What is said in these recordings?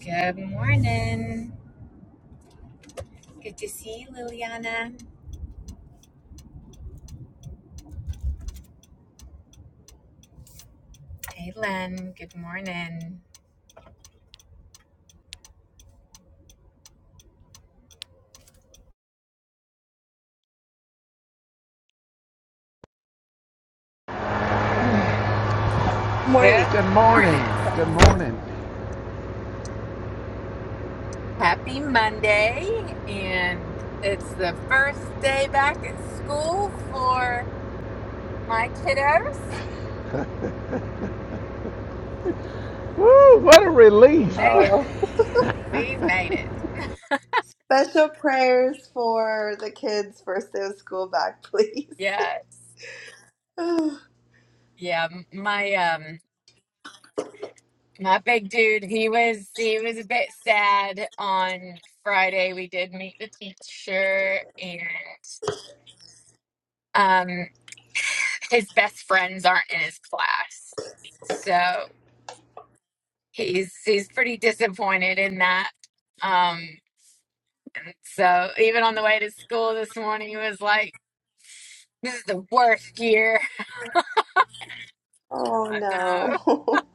Good morning. Good to see you, Liliana. Hey, Len. Good morning. Good Morning. Good morning. morning. Good morning. Happy Monday. And it's the first day back at school for my kiddos. Woo, what a We relief. made it. Oh. We made it. Special prayers for the kids' first day of school back, please. Yes. oh Yeah, m- my um my big dude, he was he was a bit sad on Friday. We did meet the teacher and Um, his best friends aren't in his class, so he's he's pretty disappointed in that. Um, so even on the way to school this morning, he was like, "This is the worst year." I know. no.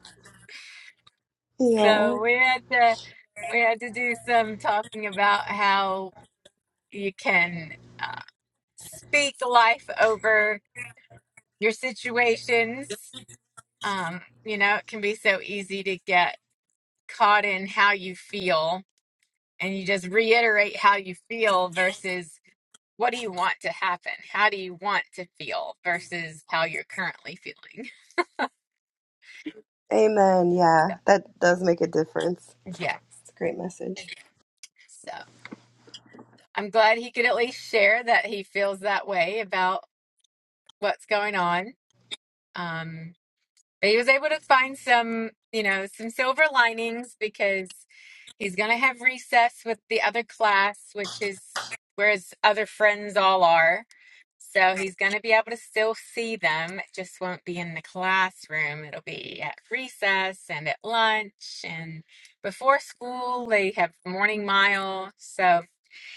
So yeah. we had to we had to do some talking about how you can uh, speak life over your situations. Um, you know, it can be so easy to get caught in how you feel and you just reiterate how you feel versus what do you want to happen? How do you want to feel versus how you're currently feeling? Amen. Yeah, that does make a difference. Yeah. Yeah. It's a great message. So I'm glad he could at least share that he feels that way about what's going on. Um, but he was able to find some, you know, some silver linings because He's going to have recess with the other class, which is where his other friends all are. So he's going to be able to still see them. It just won't be in the classroom. It'll be at recess and at lunch and before school. They have morning mile. So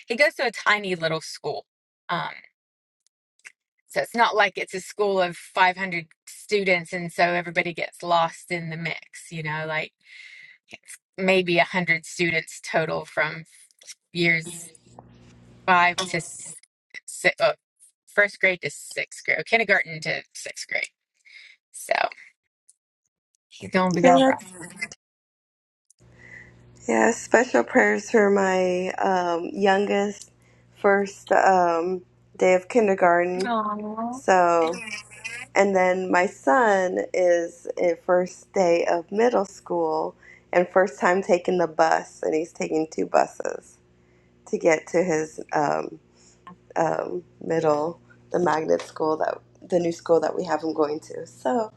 he goes to a tiny little school. Um, so it's not like it's a school of 500 students and so everybody gets lost in the mix, you know, like maybe 100 students total from years five to s- si- uh, first grade to sixth grade, kindergarten to sixth grade. So he's gonna be Yeah, all right. that's, yeah special prayers for my um, youngest first um, day of kindergarten. Aww. So. And then my son is in first day of middle school and first time taking the bus, and he's taking two buses to get to his um, um, middle, the magnet school that the new school that we have him going to. So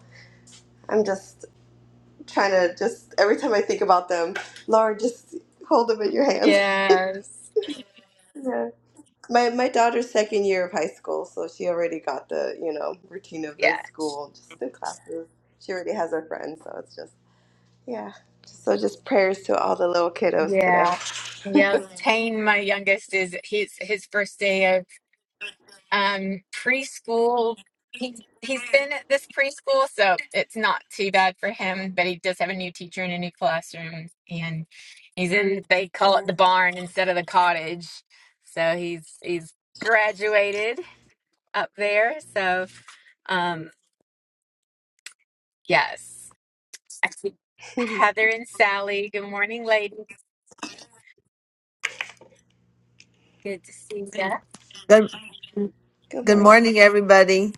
I'm just trying to just every time I think about them, Lord, just hold them in your hands. Yes. Yeah. My my daughter's second year of high school, so she already got the you know routine of the Yeah. school, just the classes. She already has her friends, so it's just Yeah. So just prayers to all the little kiddos today. Yeah. Yeah. Tane, my youngest, is his his first day of. um preschool he he's been at this preschool so it's not too bad for him but he does have a new teacher and a new classroom and he's in they call it the barn instead of the cottage so he's he's graduated up there so um yes I see Heather and Sally good morning lady good to see you Good, Good good morning. morning, everybody.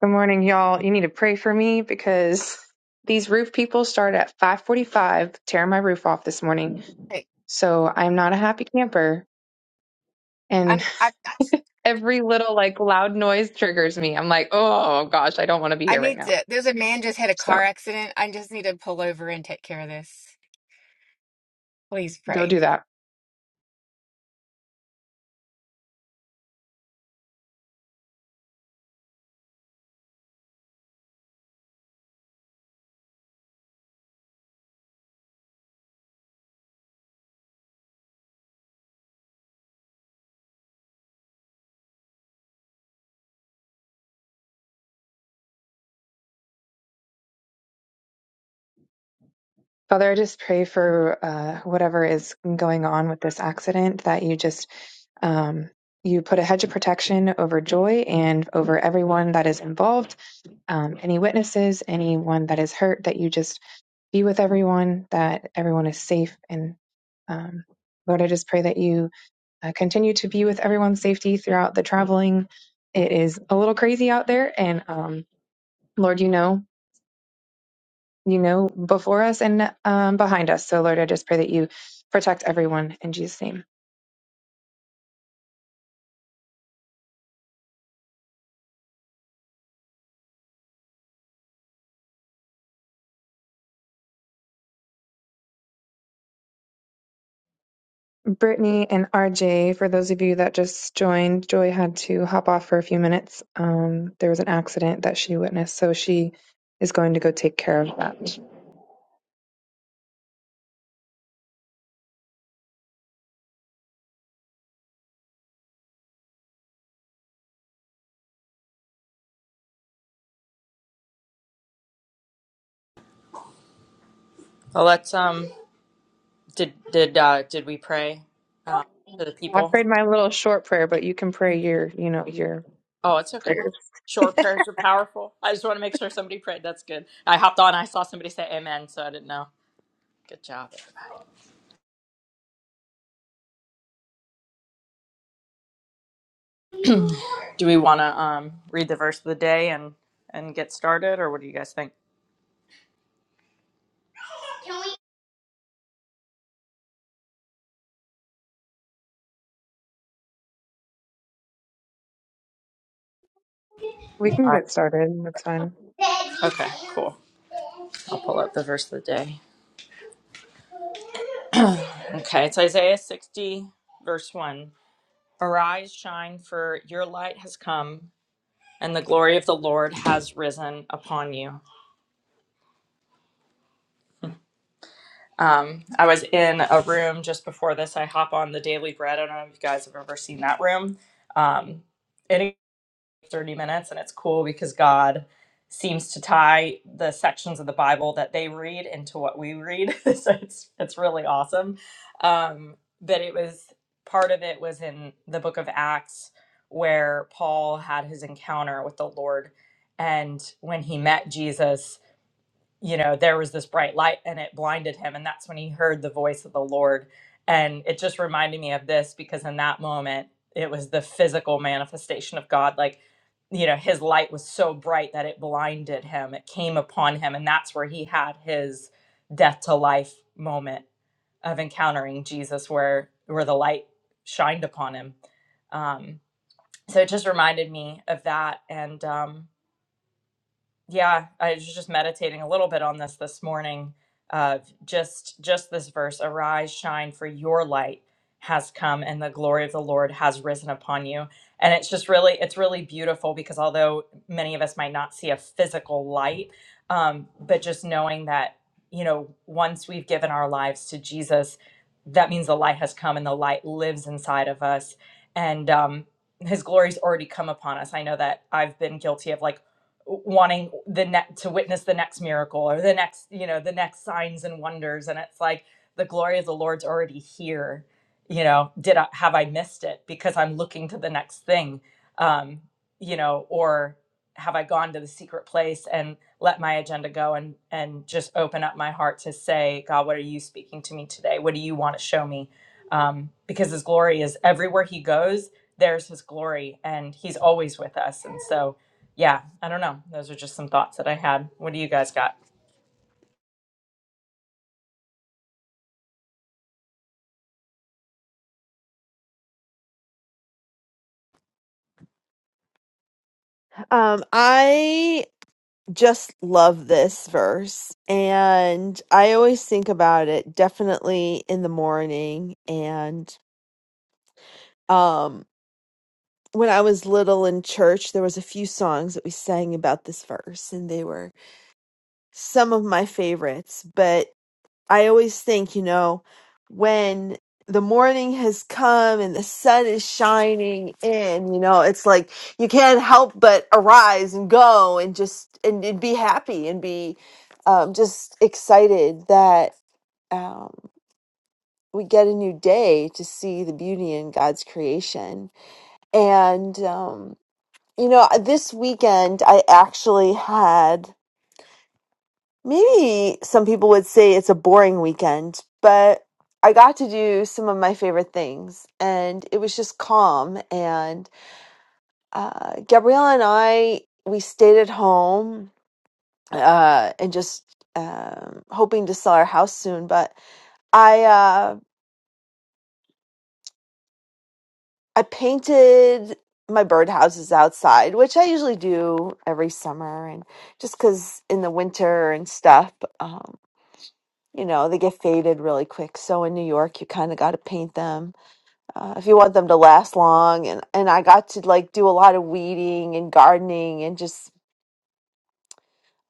Good morning, y'all. You need to pray for me because these roof people start at 5:45 tearing my roof off this morning. Hey, So I'm not a happy camper, i and I, every little like loud noise triggers me. I'm like, oh gosh, I don't want to be I here right need now. to. There's a man just had a So car accident. I just need to pull over and take care of this. Please go do pray. that. Father, I just pray for uh, whatever is going on with this accident that you just um, you put a hedge of protection over Joy and over everyone that is involved, um, any witnesses, anyone that is hurt. That you just be with everyone, that everyone is safe, and um, Lord, I just pray that you uh, continue to be with everyone's safety throughout the traveling. It is a little crazy out there, and um, Lord, you know you know, before us and um, behind us. So, Lord, I just pray that you protect everyone in Jesus' name. Brittany and RJ, for those of you that just joined, Joy had to hop off for a few minutes. Um, there was an accident that she witnessed, so she is going to go take care of that. Well, let's um. Did did uh did we pray um for the I people? prayed my little short prayer, but you can pray your, you know, your Oh, it's okay. prayer. Short prayers are powerful. I just want to make sure somebody prayed. That's good. I hopped on. I saw somebody say amen, so I didn't know. Good job. Do we want to um read the verse of the day and and get started, or what do you guys think? We can All get started. That's fine. right. Okay. Cool. I'll pull up the verse of the day. okay, it's Isaiah 60, verse 1. Arise, shine, for your light has come, and the glory of the Lord has risen upon you. Um, I was in a room just before this. I hop on the Daily Bread. I don't know if you guys have ever seen that room. Um, it is 30 minutes, and it's cool because God seems to tie the sections of the Bible that they read into what we read. so it's, it's really awesome. Um, but it was part of it was in the book of Acts where Paul had his encounter with the Lord. And when he met Jesus, you know, there was this bright light and it blinded him. And that's when he heard the voice of the Lord. And it just reminded me of this because in that moment, it was the physical manifestation of God. Like, you know, his light was so bright that it blinded him, it came upon him. And that's where he had his death to life moment of encountering Jesus, where, where the light shined upon him. Um, so it just reminded me of that. And, um, yeah i was just meditating a little bit on this this morning of just just this verse arise shine for your light has come and the glory of the lord has risen upon you and it's just really it's really beautiful because although many of us might not see a physical light um, but just knowing that you know once we've given our lives to jesus that means the light has come and the light lives inside of us and um, his glory's already come upon us i know that i've been guilty of like wanting the net to witness the next miracle or the next you know the next signs and wonders and it's like the glory of the lord's already here you know did i have i missed it because i'm looking to the next thing um you know or have i gone to the secret place and let my agenda go and and just open up my heart to say god what are you speaking to me today what do you want to show me um because his glory is everywhere he goes there's his glory and he's always with us and so yeah, I don't know. Those are just some thoughts that I had. What do you guys got? Um, I just love this verse, and I always think about it definitely in the morning. And um, when I was little in church, there was a few songs that we sang about this verse, and they were some of my favorites. But I always think, you know, when the morning has come and the sun is shining in, you know, it's like you can't help but arise and go and just and, and be happy and be um, just excited that um, we get a new day to see the beauty in God's creation. And um, you know, this weekend I actually had Maybe some people would say it's a boring weekend, but I got to do some of my favorite things, and it was just calm. And uh, Gabrielle and I, we stayed at home uh, and just um, hoping to sell our house soon. But I, uh, I painted my birdhouses outside, which I usually do every summer, and just because in the winter and stuff. um, you know, they get faded really quick. So in New York, you kind of got to paint them uh, if you want them to last long. And and I got to like do a lot of weeding and gardening and just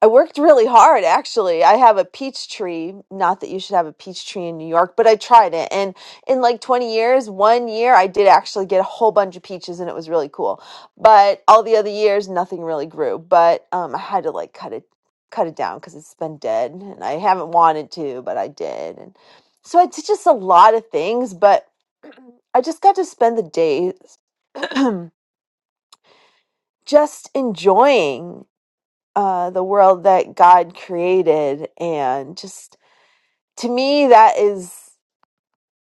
I worked really hard actually. I have a peach tree. Not that you should have a peach tree in New York, but I tried it. And in like 20 years, one year I did actually get a whole bunch of peaches and it was really cool. But all the other years nothing really grew. But um I had to like cut it cut it down cuz it's been dead and I haven't wanted to, but I did. And so I did just a lot of things, but I just got to spend the days just enjoying. uh, the world that God created. And just to me, that is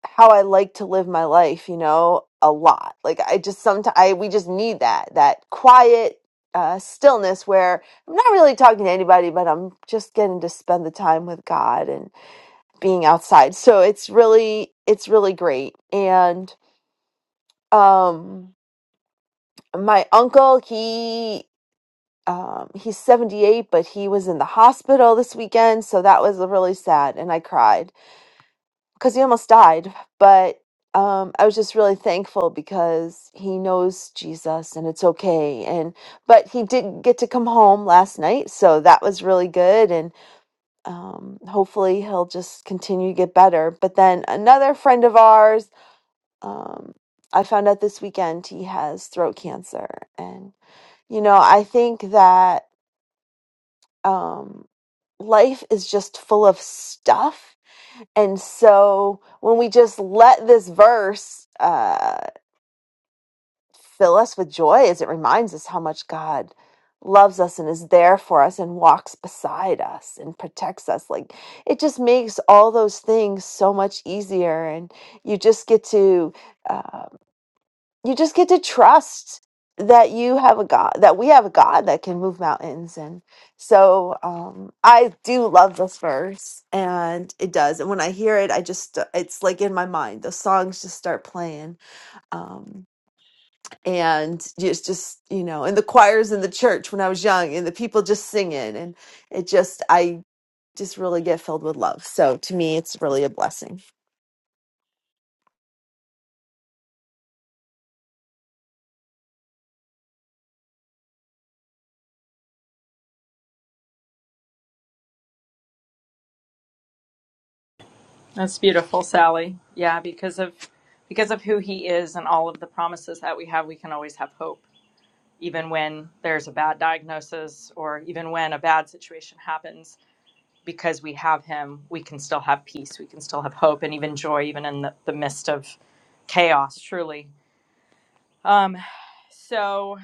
how I like to live my life, you know, a lot. Like I just sometimes I, we just need that, that quiet uh, stillness where I'm not really talking to anybody, but I'm just getting to spend the time with God and being outside. So it's really, it's really great. And, um, my uncle, he um, he's 78, but he was in the hospital this weekend. So that was really sad. And I cried because he almost died. But um, I was just really thankful because he knows Jesus and it's okay. And, but he didn't get to come home last night. So that was really good. And um, hopefully he'll just continue to get better. But then another friend of ours, um, I found out this weekend he has throat cancer. And you know, I think that um, life is just full of stuff. And so when we just let this verse uh, fill us with joy, as it reminds us how much God loves us and is there for us and walks beside us and protects us, like it just makes all those things so much easier. And you just get to. uh, you just get to trust that you have a God, that we have a God that can move mountains. And so um, I do love this verse, and it does. And when I hear it, I just, uh, it's like in my mind, the songs just start playing. Um, and just, just, you know, in the choirs in the church when I was young, and the people just singing. And it just, I just really get filled with love. So to me, it's really a blessing. That's beautiful, Sally. Yeah, because of because of who he is and all of the promises that we have, we can always have hope. Even when there's a bad diagnosis or even when a bad situation happens, because we have him, we can still have peace, we can still have hope and even joy, even in the, the midst of chaos, truly. Um, so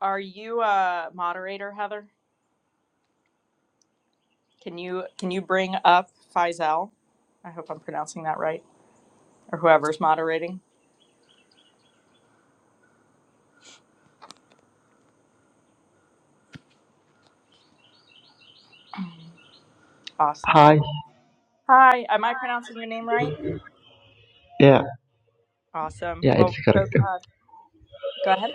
are you a moderator, Heather? Can you can you bring up Faisal? I hope I'm pronouncing that right, or whoever's moderating. Awesome. Hi, Hi, am I pronouncing your name right? yeah, Awesome. yeah, it's Well, we're correct. so glad. Go ahead.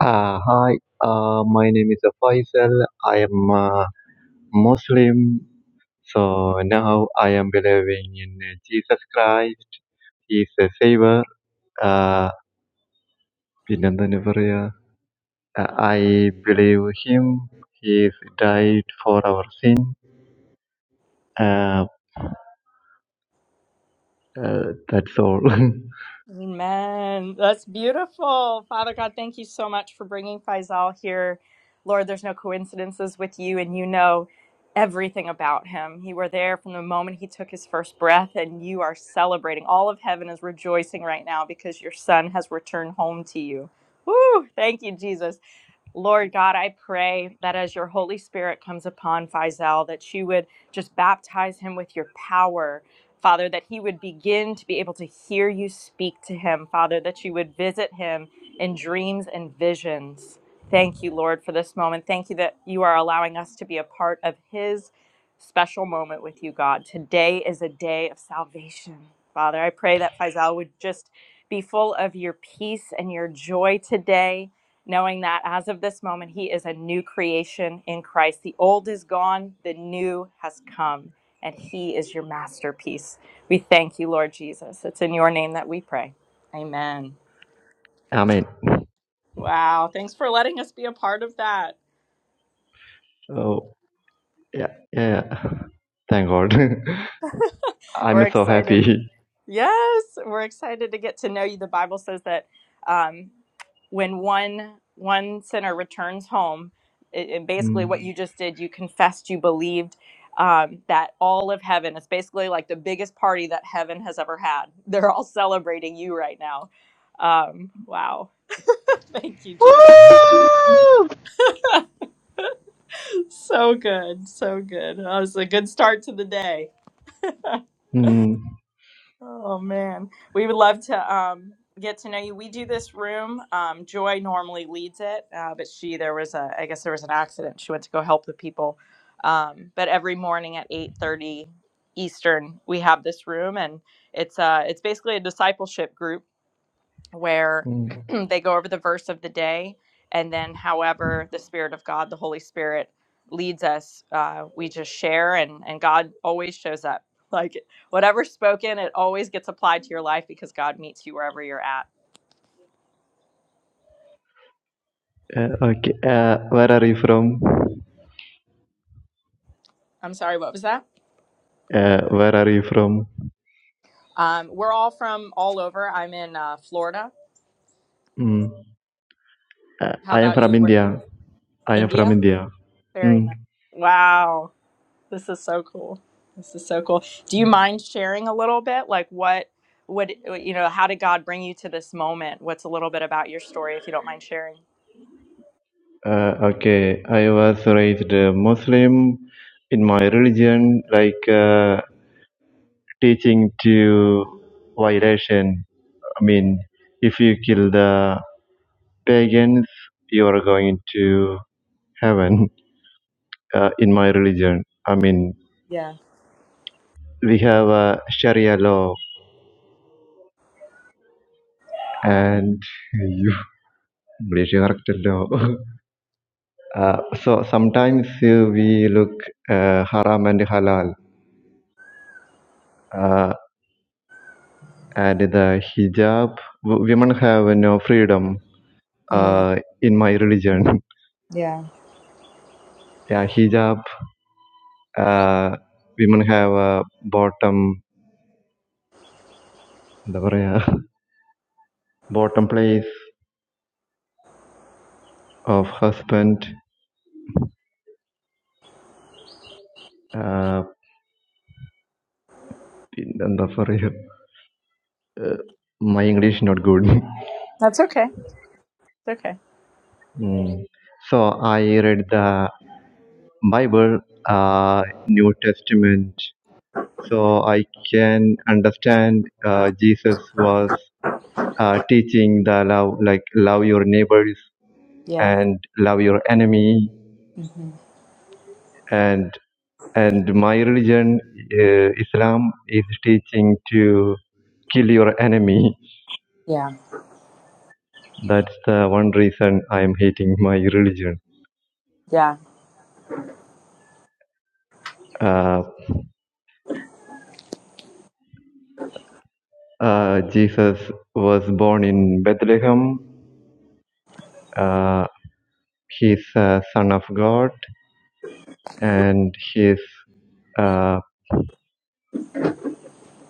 Uh, hi, uh, my name is Faisal. I am a Muslim. So now I am believing in Jesus Christ. He is a savior. Uh, പിന്നെന്താ പറയാ Uh, I believe him. He is died for our sin. Uh, uh, that's all. Amen. That's beautiful. Father God, thank you so much for bringing Faisal here. Lord, there's no coincidences with you, and you know everything about him. You were there from the moment he took his first breath, and you are celebrating. All of heaven is rejoicing right now because your son has returned home to you. Woo! Thank you, Jesus. Lord God, I pray that as your Holy Spirit comes upon Faisal, that you would just baptize him with your power, Father, that he would begin to be able to hear you speak to him, Father, that you would visit him in dreams and visions. Thank you, Lord, for this moment. Thank you that you are allowing us to be a part of his special moment with you, God. Today is a day of salvation, Father. I pray that Faisal would just be full of your peace and your joy today knowing that as of this moment, he is a new creation in Christ. The old is gone, the new has come, and he is your masterpiece. We thank you, Lord Jesus. It's in your name that we pray. Amen. Amen. Wow. Thanks for letting us be a part of that. Oh, yeah, yeah. Thank God. I'm We're so excited. happy. Yes, we're excited to get to know you. The Bible says that. Um, when one one sinner returns home it, and basically what Mm, you just did you confessed you believed um, that all of heaven it's basically like the biggest party that heaven has ever had they're all celebrating you right now um, wow thank you jesus Woo! so good so good that was a good start to the day mm. Oh man, we would love to um, get to know you. We do this room. Um, Joy normally leads it, uh, but she there was a I guess there was an accident. She went to go help the people. Um, but every morning at eight thirty Eastern, we have this room, and it's uh it's basically a discipleship group where Mm. they go over the verse of the day and then however the spirit of god the holy spirit leads us uh, we just share and and god always shows up like whatever spoken it always gets applied to your life because god meets you wherever you're at Uh, okay. Uh, where are you from? i'm sorry what was that Uh, where are you from? um, we're all from all over i'm in uh, florida Mm. Uh, how I am about from you Where- India. I am from india India. very Mm. nice wow This is so cool. This is so cool. Do you mind sharing a little bit? Like what what you know, how did God bring you to this moment? What's a little bit about your story if you don't mind sharing? Uh, okay. I was raised a Muslim. In my religion, like uh, teaching to violation. I mean, if you kill the pagans, you are going to heaven. Uh, in my religion, I mean, Yeah. we have a Sharia law and. English, correct? No. Uh, so sometimes uh, we look uh, haram and halal, uh, and the hijab. w- Women have no freedom Mm, uh, in my religion. yeah. Yeah, hijab. Uh, women have a bottom, എന്താ പറയാ, bottom place of husband. Uh, പിന്നെന്താ പറയാ, my English not good. That's okay. It's okay. Mm. So I read the Bible, uh, New Testament. So I can understand uh, Jesus was uh, teaching the love, like love your neighbors Yeah. and love your enemy, hmm and and my religion, uh, Islam, is teaching to kill your enemy. Yeah. That's the one reason I'm hating my religion. Yeah. Uh, uh, Jesus was born in Bethlehem. Uh, he's a son of God, and he's uh,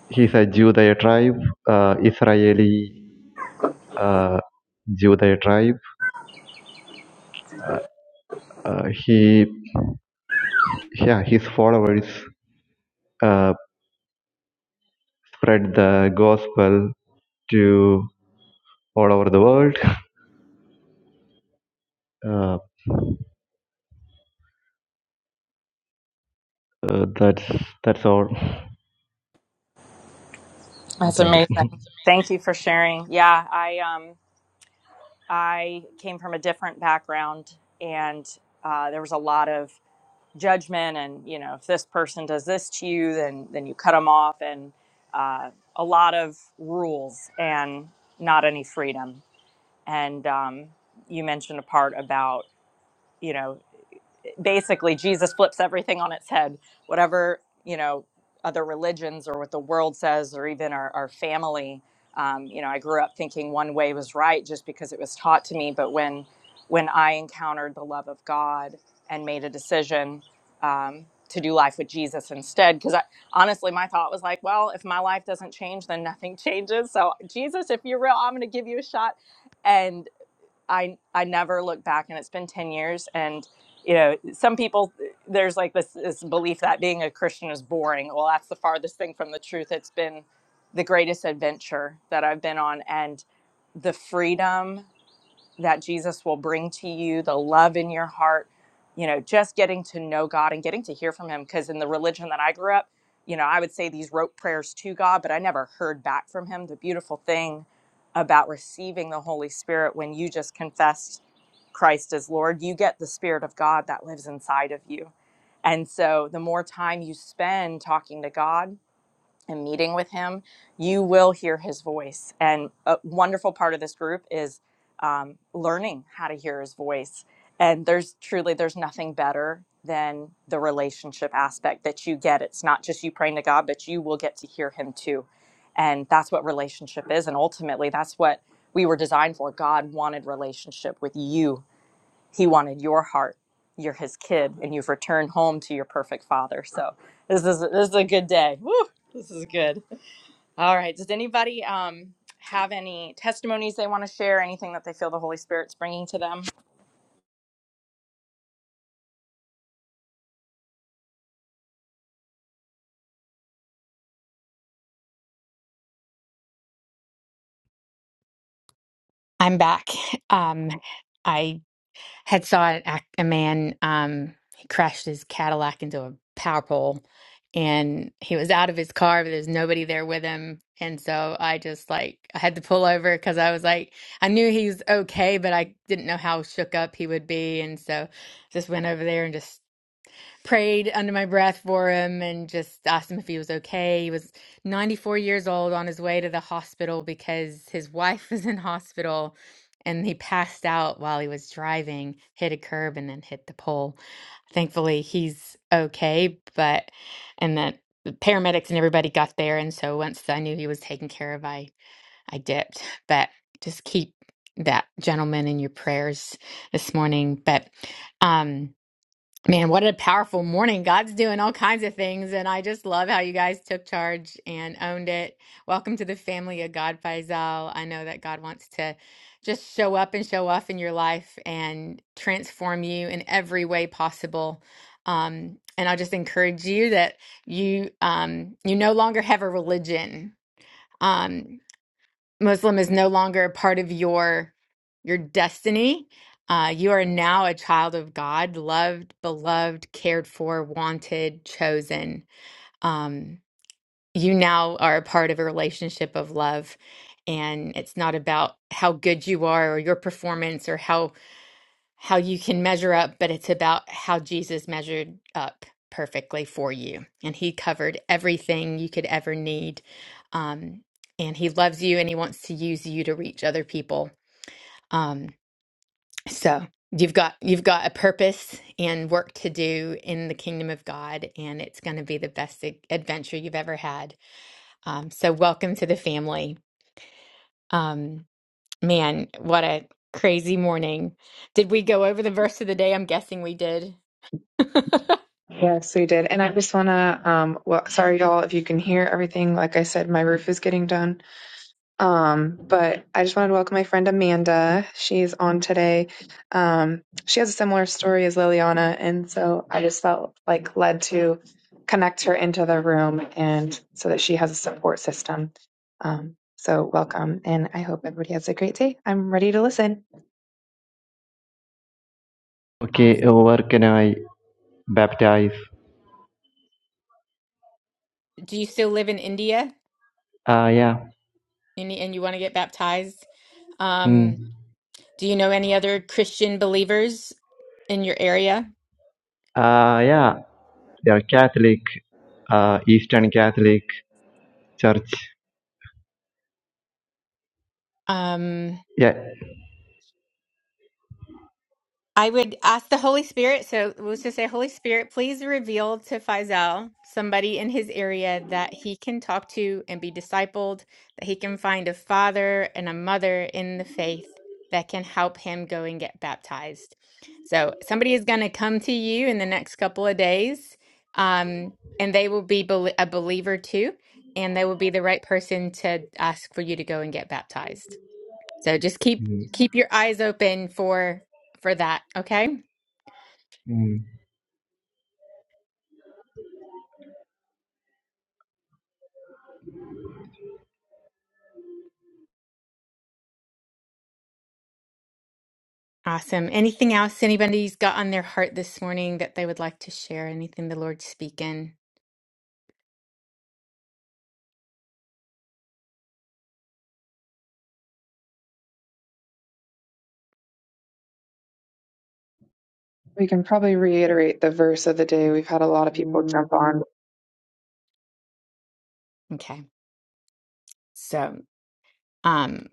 he's a Judea tribe, uh, Israeli uh, Judea tribe. Uh, he, yeah, his followers uh, spread the gospel to all over the world. Uh, uh, that's that's all. That's Thank you. amazing. Thank you for sharing. Yeah, I um I came from a different background and uh, there was a lot of judgment and you know if this person does this to you then then you cut them off and uh, a lot of rules and not any freedom and um, you mentioned a part about you know basically Jesus flips everything on its head. Whatever you know, other religions or what the world says, or even our, our family. Um, you know, I grew up thinking one way was right just because it was taught to me. But when when I encountered the love of God and made a decision um, to do life with Jesus instead, because I, honestly, my thought was like, well, if my life doesn't change, then nothing changes. So Jesus, if you're real, I'm going to give you a shot. and. I I never look back, and it's been ten years. And you know, some people there's like this this belief that being a Christian is boring. Well, that's the farthest thing from the truth. It's been the greatest adventure that I've been on, and the freedom that Jesus will bring to you, the love in your heart, you know, just getting to know God and getting to hear from Him. Because in the religion that I grew up, you know, I would say these rote prayers to God, but I never heard back from Him. The beautiful thing about receiving the Holy Spirit when you just confess Christ as Lord, you get the Spirit of God that lives inside of you. And so the more time you spend talking to God, and meeting with him, you will hear his voice. And a wonderful part of this group is um, learning how to hear his voice. And there's truly there's nothing better than the relationship aspect that you get. It's not just you praying to God, but you will get to hear Him too. And that's what relationship is. And ultimately, that's what we were designed for. God wanted relationship with you he wanted your heart you're his kid and you've returned home to your perfect father so this is this is a good day Woo, this is good all right does anybody um have any testimonies they want to share anything that they feel the holy spirit's bringing to them I'm back. Um, I had saw an, ac- a man. Um, he crashed his Cadillac into a power pole, and he was out of his car, but there's nobody there with him. And so I just like I had to pull over because I was like I knew he was okay, but I didn't know how shook up he would be, and so just went over there and just prayed under my breath for him and just asked him if he was okay. He was 94 years old on his way to the hospital because his wife was in hospital and he passed out while he was driving, hit a curb and then hit the pole. Thankfully, he's okay, but and that the paramedics and everybody got there and so once I knew he was taken care of, I I dipped. But just keep that gentleman in your prayers this morning. But um. Man, what a powerful morning. God's doing all kinds of things. And I just love how you guys took charge and owned it. Welcome to the family of God, Faisal. I know that God wants to just show up and show off in your life and transform you in every way possible. Um, and I'll just encourage you that you um, you no longer have a religion. Um, Muslim is no longer a part of your your destiny. Uh, you are now a child of God, loved, beloved, cared for, wanted, chosen. Um, you now are a part of a relationship of love, and it's not about how good you are or your performance or how how you can measure up, but it's about how Jesus measured up perfectly for you. And he covered everything you could ever need. Um, and he loves you and he wants to use you to reach other people. Um, so you've got you've got a purpose and work to do in the kingdom of God, and it's going to be the best ad- adventure you've ever had. Um, so welcome to the family. Um, man, what a crazy morning. Did we go over the verse of the day? I'm guessing we did. Yes, we did. And I just want to, um, well, sorry, y'all, if you can hear everything. Like I said, my roof is getting done. Um, but I just wanted to welcome my friend Amanda. She's on today. Um, she has a similar story as Liliana, and so I just felt like led to connect her into the room and so that she has a support system. Um, so welcome, and I hope everybody has a great day. I'm ready to listen. Okay, uh, Awesome. where can I baptize? Do you still live in India Ah, yeah, and, and you want to get baptized? mm. Um, do you know any other Christian believers in your area? Ah, yeah, yeah, Catholic, uh, Eastern Catholic Church. Um, Yeah. I would ask the Holy Spirit. So let's just say, Holy Spirit, please reveal to Faisal somebody in his area that he can talk to and be discipled, that he can find a father and a mother in the faith that can help him go and get baptized. So somebody is going to come to you in the next couple of days, um, and they will be bel a believer too, and they will be the right person to ask for you to go and get baptized. So just keep Mm. keep your eyes open for for that, okay? Mm. Awesome. Anything else anybody's got on their heart this morning that they would like to share? Anything the Lord's speaking? We can probably reiterate the verse of the day. We've had a lot of people jump on. Okay. So, um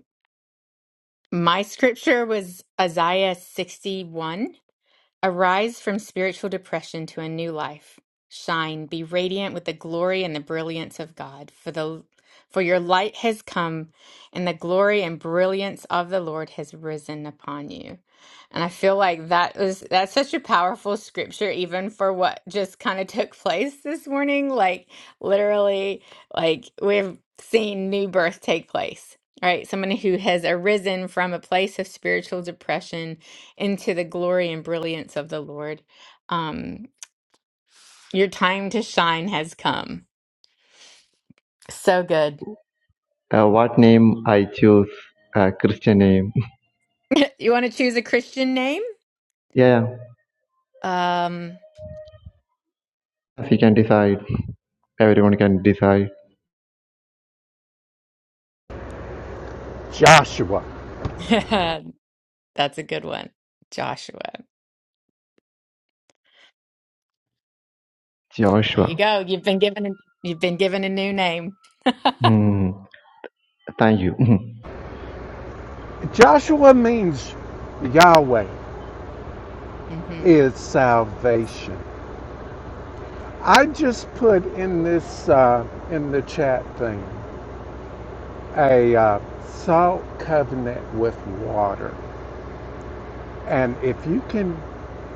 my scripture was Isaiah 61 Arise from spiritual depression to a new life. Shine, be radiant with the glory and the brilliance of God, for the for your light has come and the glory and brilliance of the Lord has risen upon you. And I feel like that was that's such a powerful scripture even for what just kind of took place this morning, like literally like we've seen new birth take place. Right? Someone who has arisen from a place of spiritual depression into the glory and brilliance of the Lord. Um, your time to shine has come. So good. Uh, what name I choose? Uh, Christian name. you want to choose a Christian name? Yeah, yeah. Um, if can decide, everyone can decide. Joshua. that's a good one, Joshua. There Joshua. you go. You've been given a, you've been given a new name. Hmm. Thank you. Joshua means Yahweh hmm is salvation. I just put in this uh, in the chat thing a uh, salt covenant with water, and if you can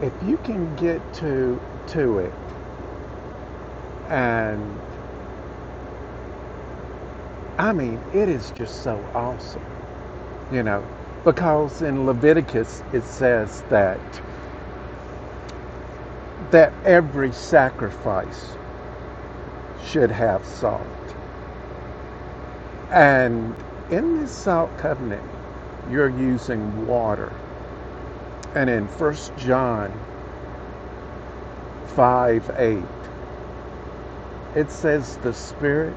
if you can get to to it, and I mean it is just so awesome, you know, because in Leviticus it says that that every sacrifice should have salt. And in this salt covenant, you're using water. And in First John 5 8, it says, The Spirit,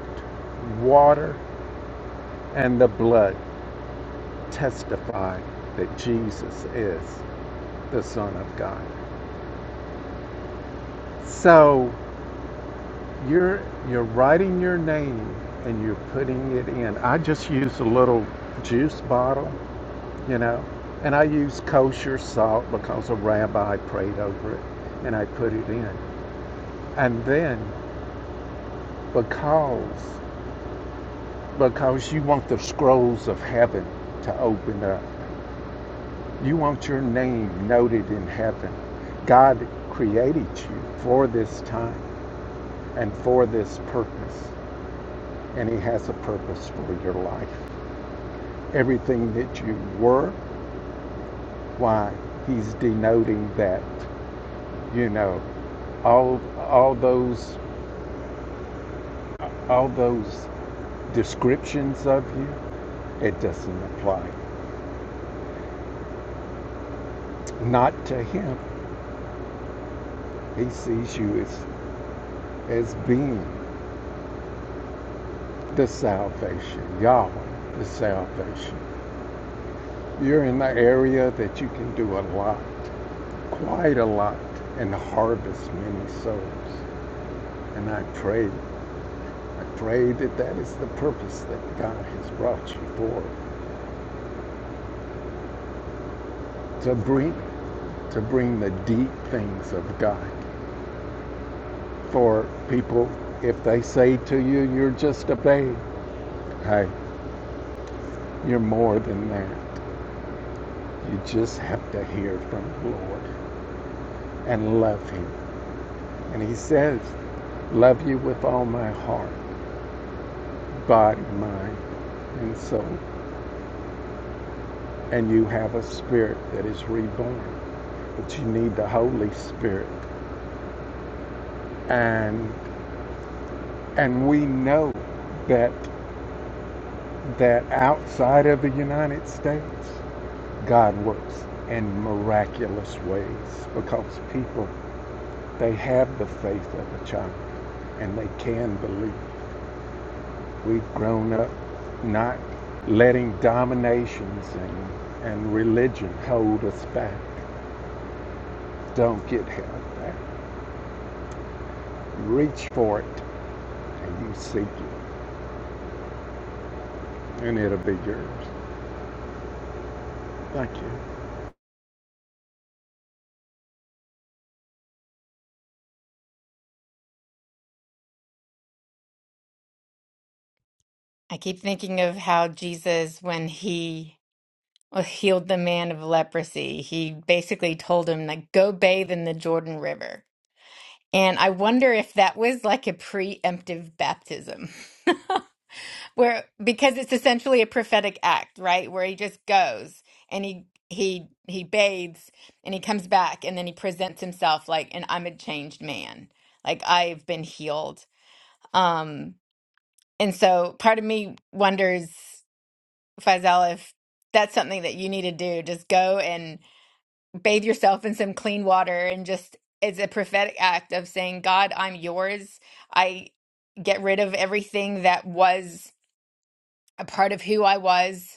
water, and the blood testify that Jesus is the Son of God. So you're you're writing your name and you're putting it in. I just use a little juice bottle you know. And I used kosher salt because a rabbi prayed over it, and I put it in. And then because because you want the scrolls of heaven to open up, you want your name noted in heaven. God created you for this time and for this purpose, and He has a purpose for your life. Everything that you were, why He's denoting that, you know, all all those All those descriptions of you, it doesn't apply. Not to him. He sees you as, as being the salvation, Yahweh, the salvation. You're in the area that you can do a lot, quite a lot, and harvest many souls. And I pray, I pray that that is the purpose that God has brought you for, to bring, to bring the deep things of God for people if they say to you, you're just a babe. Hey, you're more than that. You just have to hear from the Lord and love Him. And He says, Love you with all my heart, body, mind, and soul. And you have a spirit that is reborn, but you need the Holy Spirit. And and we know that that outside of the United States God works in miraculous ways because people they have the faith of a child and they can believe. We've grown up not letting dominations and, and religion hold us back. Don't get held back. Reach for it and you seek it and it'll be yours. Thank you. I keep thinking of how Jesus, when he well, healed the man of leprosy, he basically told him like, "Go bathe in the Jordan River." And I wonder if that was like a preemptive baptism. where because it's essentially a prophetic act, right? Where he just goes and he he he bathes and he comes back and then he presents himself like and I'm a changed man. Like I've been healed. Um and so part of me wonders Faisal if that's something that you need to do. Just go and bathe yourself in some clean water and just it's a prophetic act of saying, God, I'm yours. I get rid of everything that was a part of who I was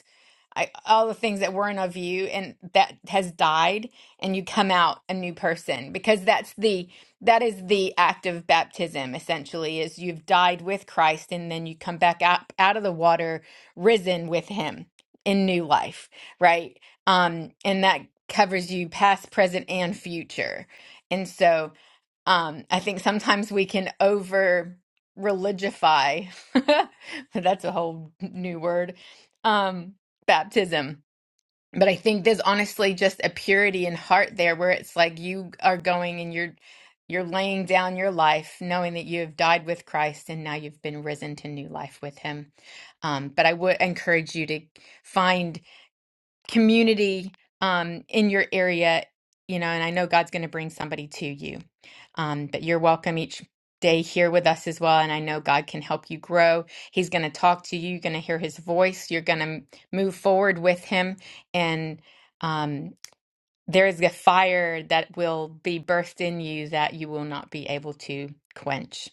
I, all the things that weren't of you and that has died and you come out a new person because that's the that is the act of baptism essentially is you've died with Christ and then you come back out out of the water risen with him in new life right um and that covers you past present and future and so um, I think sometimes we can over religify, that's a whole new word, um, baptism. But I think there's honestly just a purity in heart there where it's like you are going and you're you're laying down your life knowing that you have died with Christ and now you've been risen to new life with him. Um, but I would encourage you to find community um, in your area, you know, and I know God's going to bring somebody to you. Um, but you're welcome each day here with us as well. And I know God can help you grow. He's going to talk to you. You're going to hear his voice. You're going to move forward with him. And um, there is a fire that will be burst in you that you will not be able to quench.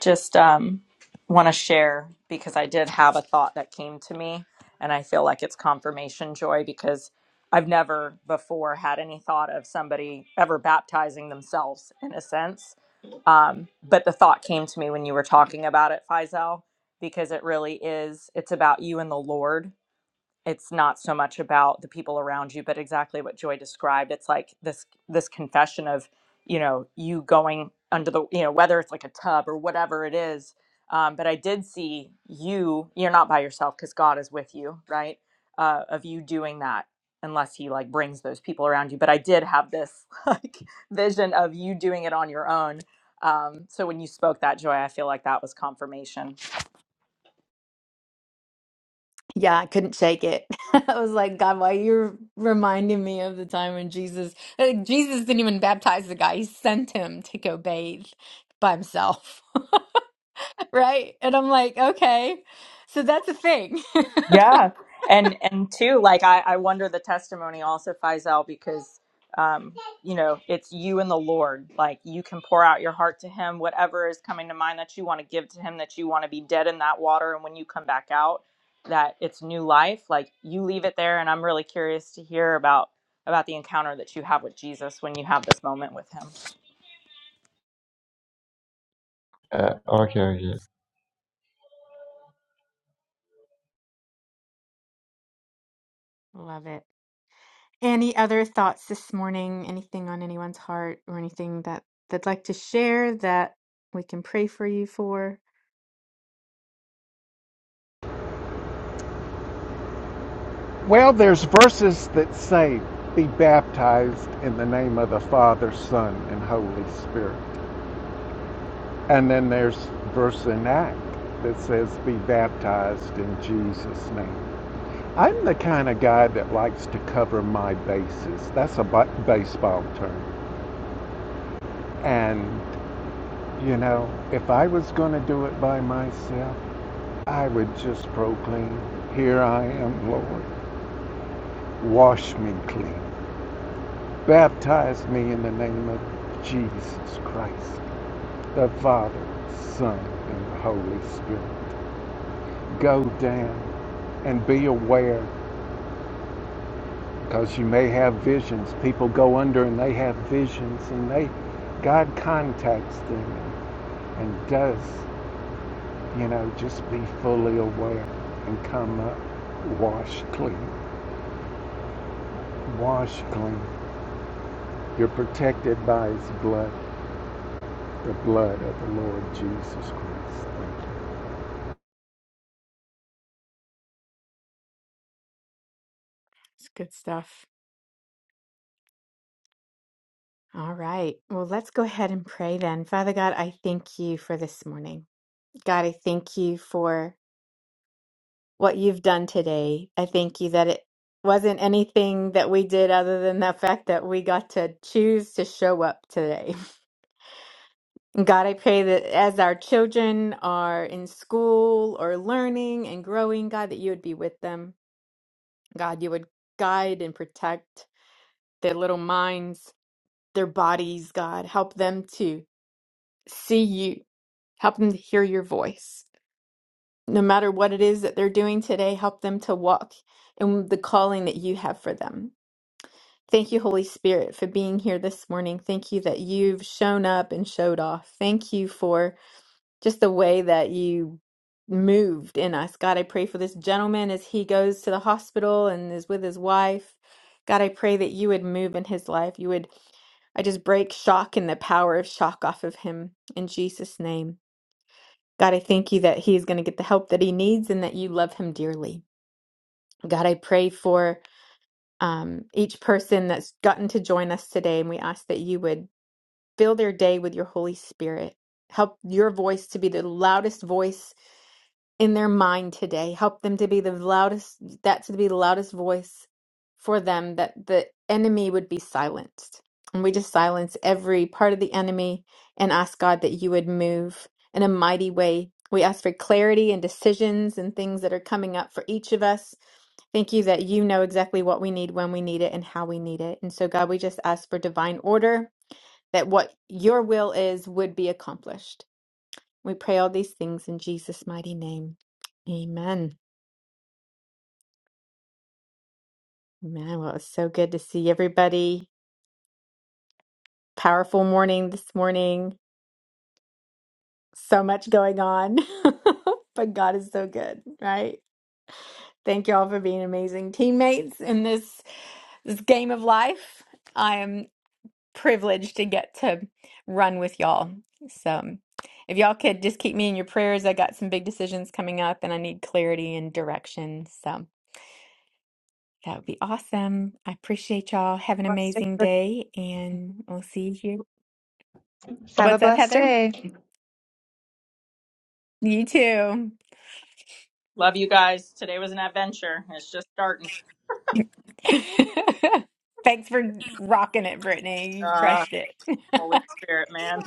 just um, want to share because I did have a thought that came to me, and I feel like it's confirmation joy because I've never before had any thought of somebody ever baptizing themselves in a sense. Um, but the thought came to me when you were talking about it, Faisal, because it really is, it's about you and the Lord it's not so much about the people around you but exactly what joy described it's like this this confession of you know you going under the you know whether it's like a tub or whatever it is um, but i did see you you're not by yourself because god is with you right uh, of you doing that unless he like brings those people around you but i did have this like vision of you doing it on your own um, so when you spoke that joy i feel like that was confirmation Yeah, I couldn't shake it. I was like, God, why you're reminding me of the time when Jesus, like, Jesus didn't even baptize the guy. He sent him to go bathe by himself, right? And I'm like, okay, so that's a thing. Yeah. And and too, like I, I wonder the testimony also, Faisal, because um, you know, it's you and the Lord. Like you can pour out your heart to him, whatever is coming to mind that you want to give to him, that you want to be dead in that water, and when you come back out, that it's new life. Like you leave it there, and I'm really curious to hear about about the encounter that you have with Jesus when you have this moment with him. uh, okay, okay. Love it. Any other thoughts this morning? Anything on anyone's heart or anything that they'd like to share that we can pray for you for? Well, there's verses that say, be baptized in the name of the Father, Son, and Holy Spirit. And then there's verse in Act that says, "Be baptized in Jesus' name." I'm the kind of guy that likes to cover my bases. That's a baseball term. And you know, if I was going to do it by myself, I would just proclaim, "Here I am, Lord. Wash me clean. Baptize me in the name of Jesus Christ, the Father, Son, and the Holy Spirit." Go down and be aware because you may have visions. People go under and they have visions, and they, God contacts them and does, you know, just be fully aware and come up washed clean. Washed clean. You're protected by His blood, the blood of the Lord Jesus Christ. Thank you. It's good stuff. All right. Well, let's go ahead and pray then. Father God, I thank you for this morning. God, I thank you for what you've done today. I thank you that it wasn't anything that we did other than the fact that we got to choose to show up today. And God, I pray that as our children are in school or learning and growing, God, that you would be with them. God, you would guide and protect their little minds, their bodies, God. Help them to see you, help them to hear your voice. no matter what it is that they're doing today, help them to walk in the calling that you have for them. Thank you, Holy Spirit, for being here this morning. Thank you that you've shown up and showed off. Thank you for just the way that you moved in us. God, I pray for this gentleman as he goes to the hospital and is with his wife. God, I pray that you would move in his life. You would, I just break shock and the power of shock off of him in Jesus' name. God, I thank you that he is going to get the help that he needs and that you love him dearly. God, I pray for um, each person that's gotten to join us today, and we ask that you would fill their day with your Holy Spirit. Help your voice to be the loudest voice in their mind today. Help them to be the loudest, that to be the loudest voice for them, that the enemy would be silenced. And we just silence every part of the enemy and ask God that you would move in a mighty way. We ask for clarity and decisions and things that are coming up for each of us. Thank you that you know exactly what we need, when we need it, and how we need it. And so, God, we just ask for divine order that what your will is would be accomplished. We pray all these things in Jesus' mighty name. Amen. Amen. Well, it's so good to see everybody. Powerful morning this morning. So much going on, but God is so good, right? Thank you all for being amazing teammates in this this game of life. I am privileged to get to run with y'all. So, if y'all could just keep me in your prayers, I got some big decisions coming up, and I need clarity and direction. So. That would be awesome. I appreciate y'all. Have an amazing day, and we'll see you. Have a What's up, blessed Heather? day. You too. Love you guys. Today was an adventure. It's just starting. Thanks for rocking it, Brittany. You Uh, crushed it. Holy Spirit, man.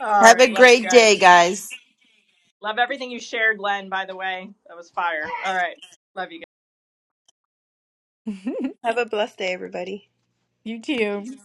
All Have a right, love you great guys. day, guys. Love everything you shared, Len. by the way. That was fire. All right. Love you. Have a blessed day, everybody. you too.